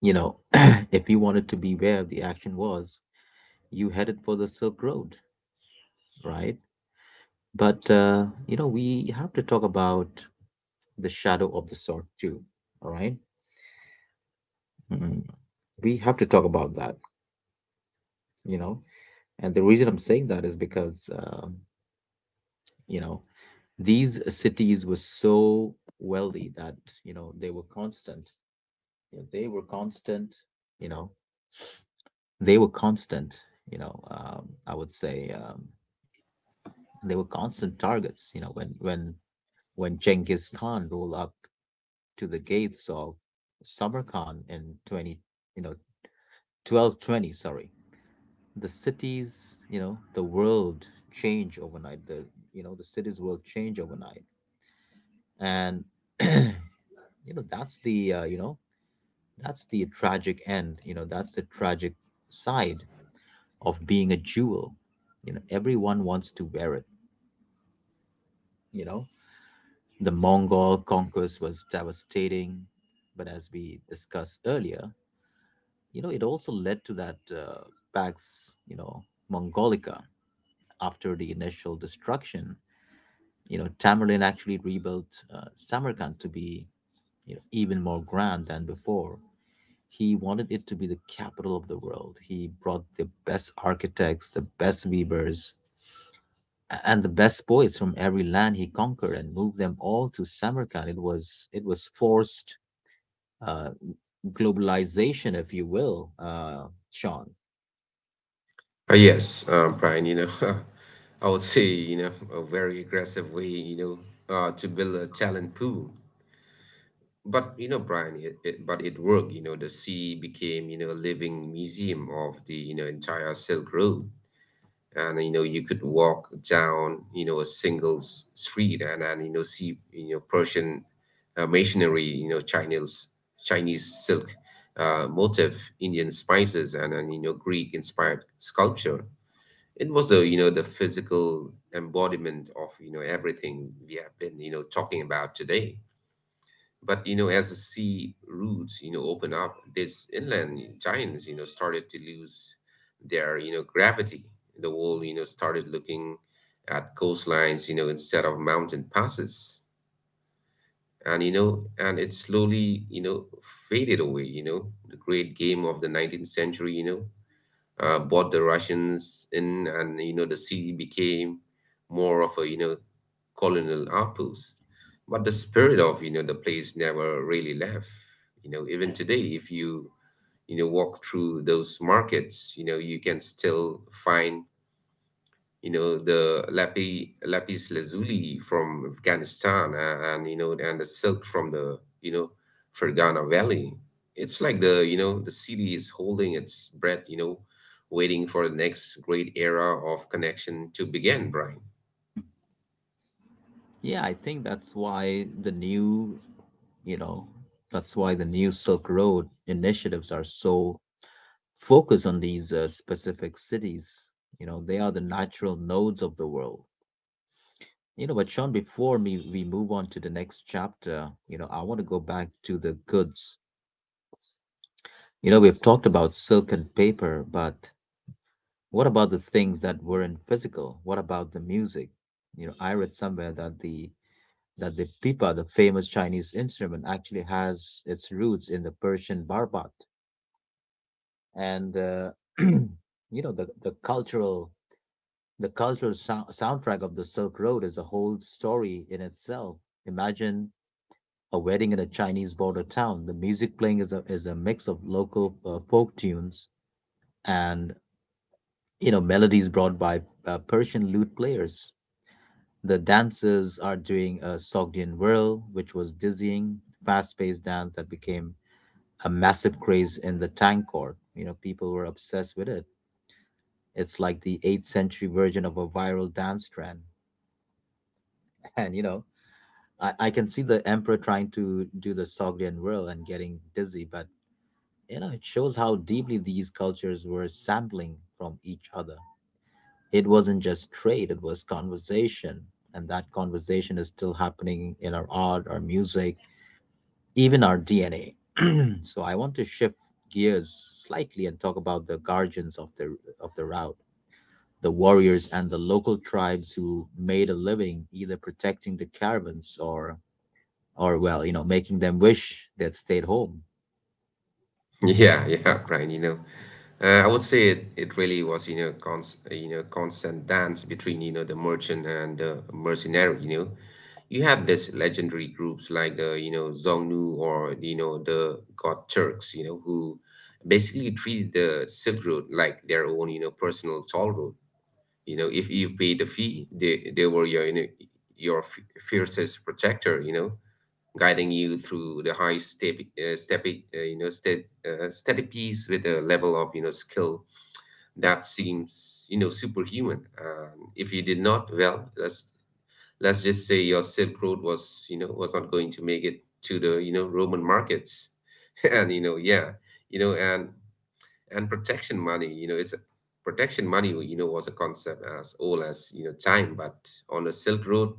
A: you know, if you wanted to be where the action was, you headed for the Silk Road, right? But we have to talk about the shadow of the sword too. All right, mm, we have to talk about that. You know, and the reason I'm saying that is because, you know these cities were so wealthy that you know they were constant. You know, they were constant. You know, they were constant. You know, I would say They were constant targets. You know, When when Genghis Khan rolled up to the gates of Samarkand in 20, you know, 1220, sorry. The cities, you know, the world change overnight. The, you know, The cities will change overnight. And, you know, that's the, uh, you know, that's the tragic end. You know, that's the tragic side of being a jewel. You know, everyone wants to wear it. You know. The Mongol conquest was devastating, but as we discussed earlier, You know, it also led to that Pax, you know, Mongolica. After the initial destruction, you know, Tamerlane actually rebuilt Samarkand to be you know, even more grand than before. He wanted it to be the capital of the world. He brought the best architects, the best weavers, and the best poets from every land he conquered and moved them all to Samarkand. It was forced uh, globalization, if you will, Sean.
B: Yes, Brian, I would say a very aggressive way, to build a talent pool. But Brian, but it worked. The sea became a living museum of the entire Silk Road. And you could walk down a single street, and see Persian masonry, Chinese silk motif, Indian spices, and Greek-inspired sculpture. It was the physical embodiment of everything we have been talking about today. But as the sea routes open up, these inland giants started to lose their gravity. The world started looking at coastlines instead of mountain passes. And it slowly faded away. The great game of the 19th century bought the Russians in, and the city became more of a colonial outpost. But the spirit of the place never really left. Even today, if you you know walk through those markets, you can still find the lapis lazuli from Afghanistan a- and you know and the silk from the Fergana Valley. It's like the city is holding its breath, waiting for the next great era of connection to begin, Brian.
A: Yeah, I think that's why the new, you know, Silk Road initiatives are so focused on these specific cities. You know, they are the natural nodes of the world. You know, but Sean, before me, we move on to the next chapter. You know, I want to go back to the goods. You know, we've talked about silk and paper, but what about the things that weren't physical? What about the music? You know, I read somewhere that the pipa, the famous Chinese instrument, actually has its roots in the Persian barbat. And you know, the cultural soundtrack of the Silk Road is a whole story in itself. Imagine a wedding in a Chinese border town. The music playing is a mix of local folk tunes and you know melodies brought by Persian lute players. The dancers are doing a Sogdian whirl, which was dizzying, fast-paced dance that became a massive craze in the tank chord. You know, people were obsessed with it. It's like the 8th century version of a viral dance trend. And you know, I can see the emperor trying to do the Sogdian whirl and getting dizzy, but you know, it shows how deeply these cultures were sampling from each other. It wasn't just trade, it was conversation. And that conversation is still happening in our art, our music, even our DNA. So I want to shift gears slightly and talk about the guardians of the route, the warriors and the local tribes who made a living either protecting the caravans, or well, you know, making them wish they'd stayed home.
B: Yeah, yeah, Brian, I would say it really was constant dance between the merchant and the mercenary. You have this legendary groups like the, Xiongnu or, the God Turks, who basically treated the Silk Road like their own, personal toll road. If you paid the fee, they were your, your fiercest protector, guiding you through the high step, step, you know, step, steady piece with a level of skill that seems superhuman. If you did not, well, let's just say your Silk Road was was not going to make it to the Roman markets, and yeah, and protection money is protection money was a concept as old as time, but on the Silk Road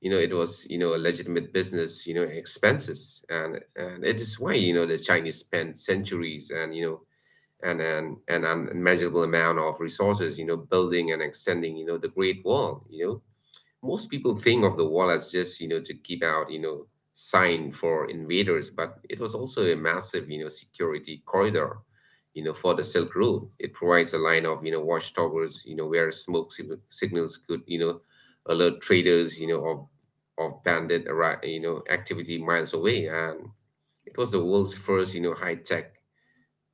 B: it was a legitimate business expenses. And it is why the Chinese spent centuries, and and an unmeasurable amount of resources building and extending the Great Wall. Most people think of the wall as just to keep out sign for invaders, but it was also a massive security corridor for the Silk Road. It provides a line of watchtowers where smoke signals could alert traders of bandit activity miles away. And it was the world's first high tech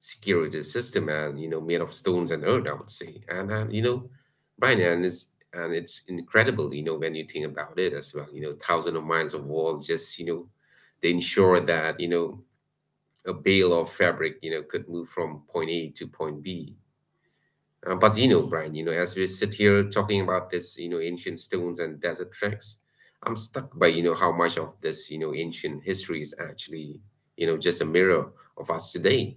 B: security system, and made of stones and earth, I would say. And Brian, and it's incredible when you think about it, as well, thousands of miles of wall, just they ensure that a bale of fabric could move from point A to point B. But Brian, as we sit here talking about this, ancient stones and desert treks, I'm stuck by, how much of this, ancient history is actually, just a mirror of us today.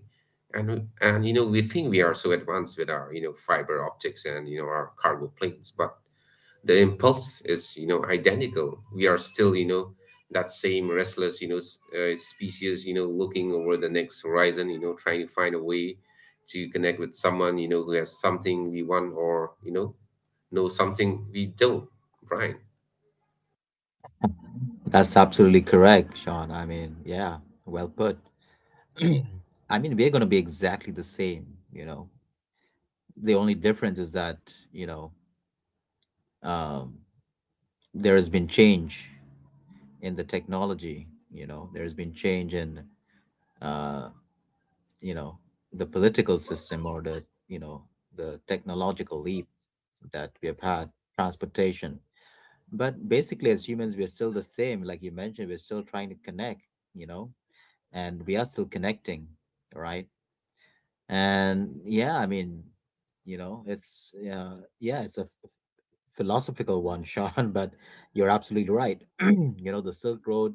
B: And we think we are so advanced with our, fiber optics and, our cargo planes, but the impulse is identical. We are still that same restless species looking over the next horizon, trying to find a way to connect with someone who has something we want, or know something we don't, Brian.
A: That's absolutely correct, Sean. I mean, yeah, well put. I mean, we're going to be exactly the same. You know. The only difference is that, you know, um, there has been change in the technology. You know there's been change in uh, you know the political system, or the you know the technological leap that we have had, transportation. But basically as humans we're still the same. Like you mentioned, we're still trying to connect, you know and we are still connecting, right? And yeah, I mean, you know it's yeah, it's a philosophical one, Sean, but you're absolutely right. you know, the Silk Road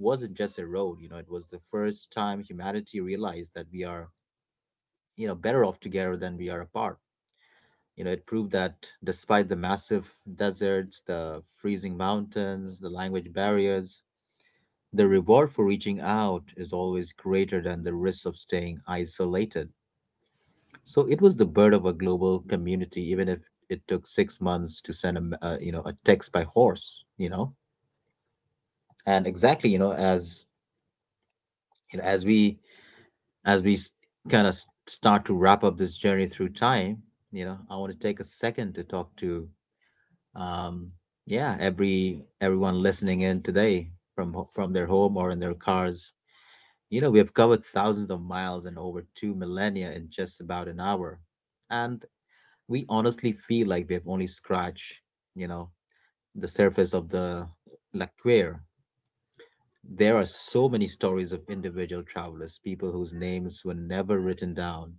A: wasn't just a road. You know, it was the first time humanity realized that we are you know, better off together than we are apart. You know, it proved that despite the massive deserts, the freezing mountains, the language barriers, the reward for reaching out is always greater than the risk of staying isolated. So it was the birth of a global community, even if it took 6 months to send a, m- you know, a text by horse. You know and exactly, you know as we as we kind of start to wrap up this journey through time, you know I want to take a second to talk to, um yeah, everyone listening in today, from from their home or in their cars. You know we have covered thousands of miles and over two millennia in just about an hour, and we honestly feel like we have only scratched you know the surface of the like queer. There are so many stories of individual travelers, people whose names were never written down,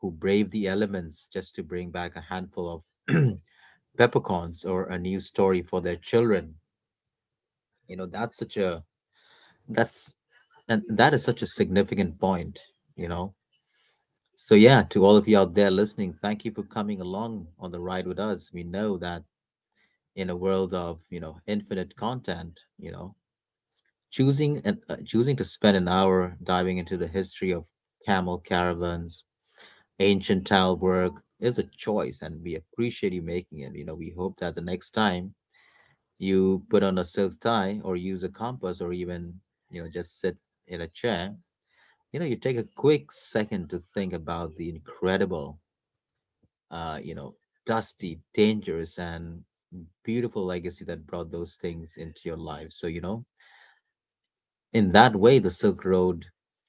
A: who braved the elements just to bring back a handful of peppercorns or a new story for their children. You know, that's such a that's And that is such a significant point. You know. So yeah, to all of you out there listening, thank you for coming along on the ride with us. We know that in a world of you know, infinite content, you know, choosing to spend an hour diving into the history of camel caravans, ancient tile work, is a choice, and we appreciate you making it. You know, we hope that the next time you put on a silk tie or use a compass or even you know just sit in a chair, you know, you take a quick second to think about the incredible, uh, you know, dusty, dangerous, and beautiful legacy that brought those things into your life. So you know in that way the Silk Road,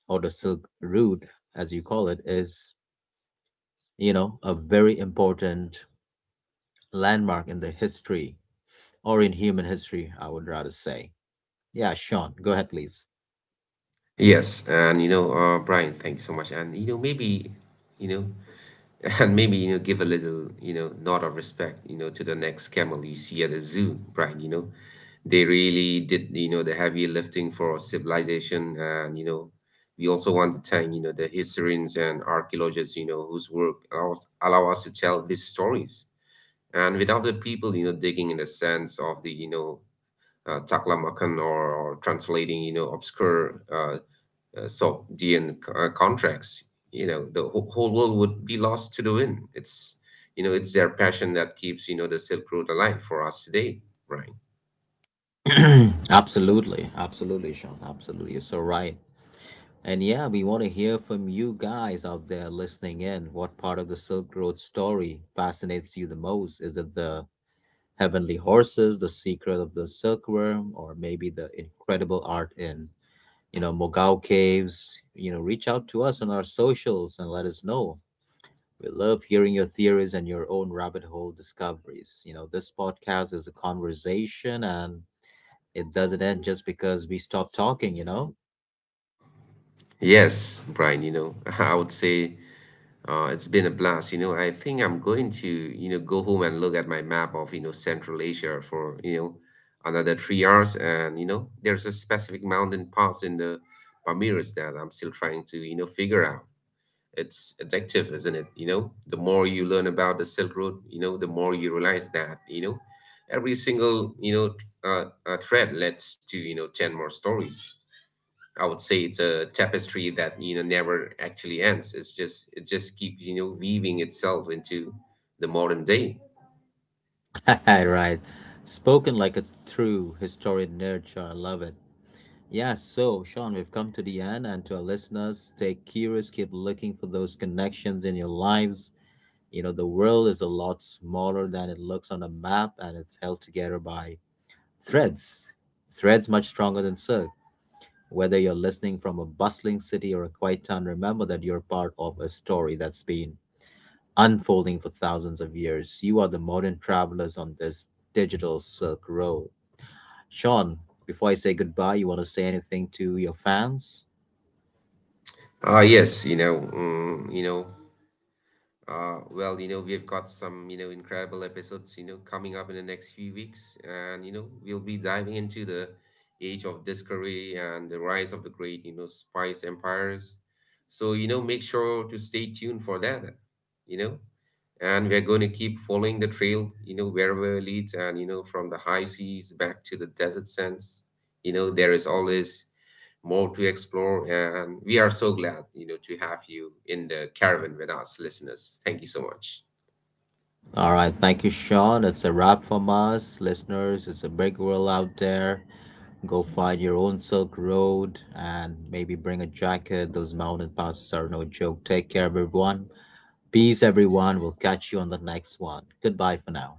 A: or the Silk Route as you call it, is you know a very important landmark in the history, or in human history I would rather say. Yeah, Sean, go ahead please.
B: Yes, and Brian, thank you so much. And maybe you know and maybe, give a little, nod of respect, to the next camel you see at the zoo, Brian. They really did, the heavy lifting for civilization. And, we also want to thank, the historians and archaeologists, whose work allow us to tell these stories. And without the people, digging in the sense of the, Taklamakan, or, translating, obscure Sogdian contracts, the whole world would be lost to the wind. It's, it's their passion that keeps, the Silk Road alive for us today, Brian.
A: Absolutely, absolutely, Sean, absolutely, you're so right. And yeah, we want to hear from you guys out there listening in. What part of the Silk Road story fascinates you the most? Is it the heavenly horses, the secret of the silkworm, or maybe the incredible art in you know, Mogao Caves? You know, reach out to us on our socials and let us know. We love hearing your theories and your own rabbit hole discoveries. You know, this podcast is a conversation and it doesn't end just because we stop talking, you know?
B: Yes, Brian, I would say it's been a blast. I think I'm going to, go home and look at my map of, Central Asia for, another 3 hours. And, there's a specific mountain pass in the Pamirs that I'm still trying to, figure out. It's addictive, isn't it? The more you learn about the Silk Road, the more you realize that, every single, thread leads to, 10 more stories. I would say it's a tapestry that, never actually ends. It's just, it just keeps, weaving itself into the modern day.
A: Right. Spoken like a true historian nerd, Sean. I love it. Yeah, so Sean, we've come to the end, and to our listeners, stay curious, keep looking for those connections in your lives. You know, the world is a lot smaller than it looks on a map, and it's held together by threads. Threads much stronger than silk. Whether you're listening from a bustling city or a quiet town, remember that you're part of a story that's been unfolding for thousands of years. You are the modern travelers on this digital Silk Road. Sean, before I say goodbye, you want to say anything to your fans?
B: Yes, well, we've got some, incredible episodes, coming up in the next few weeks, and we'll be diving into the age of discovery and the rise of the great, spice empires. So, make sure to stay tuned for that, you know and we're going to keep following the trail wherever it leads. And from the high seas back to the desert sands, there is always more to explore. And we are so glad to have you in the caravan with us, listeners. Thank you so much.
A: All right, thank you, Sean. It's a wrap from us, listeners. It's a big world out there. Go find your own Silk Road, and maybe bring a jacket. Those mountain passes are no joke. Take care, everyone. Peace, everyone. We'll catch you on the next one. Goodbye for now.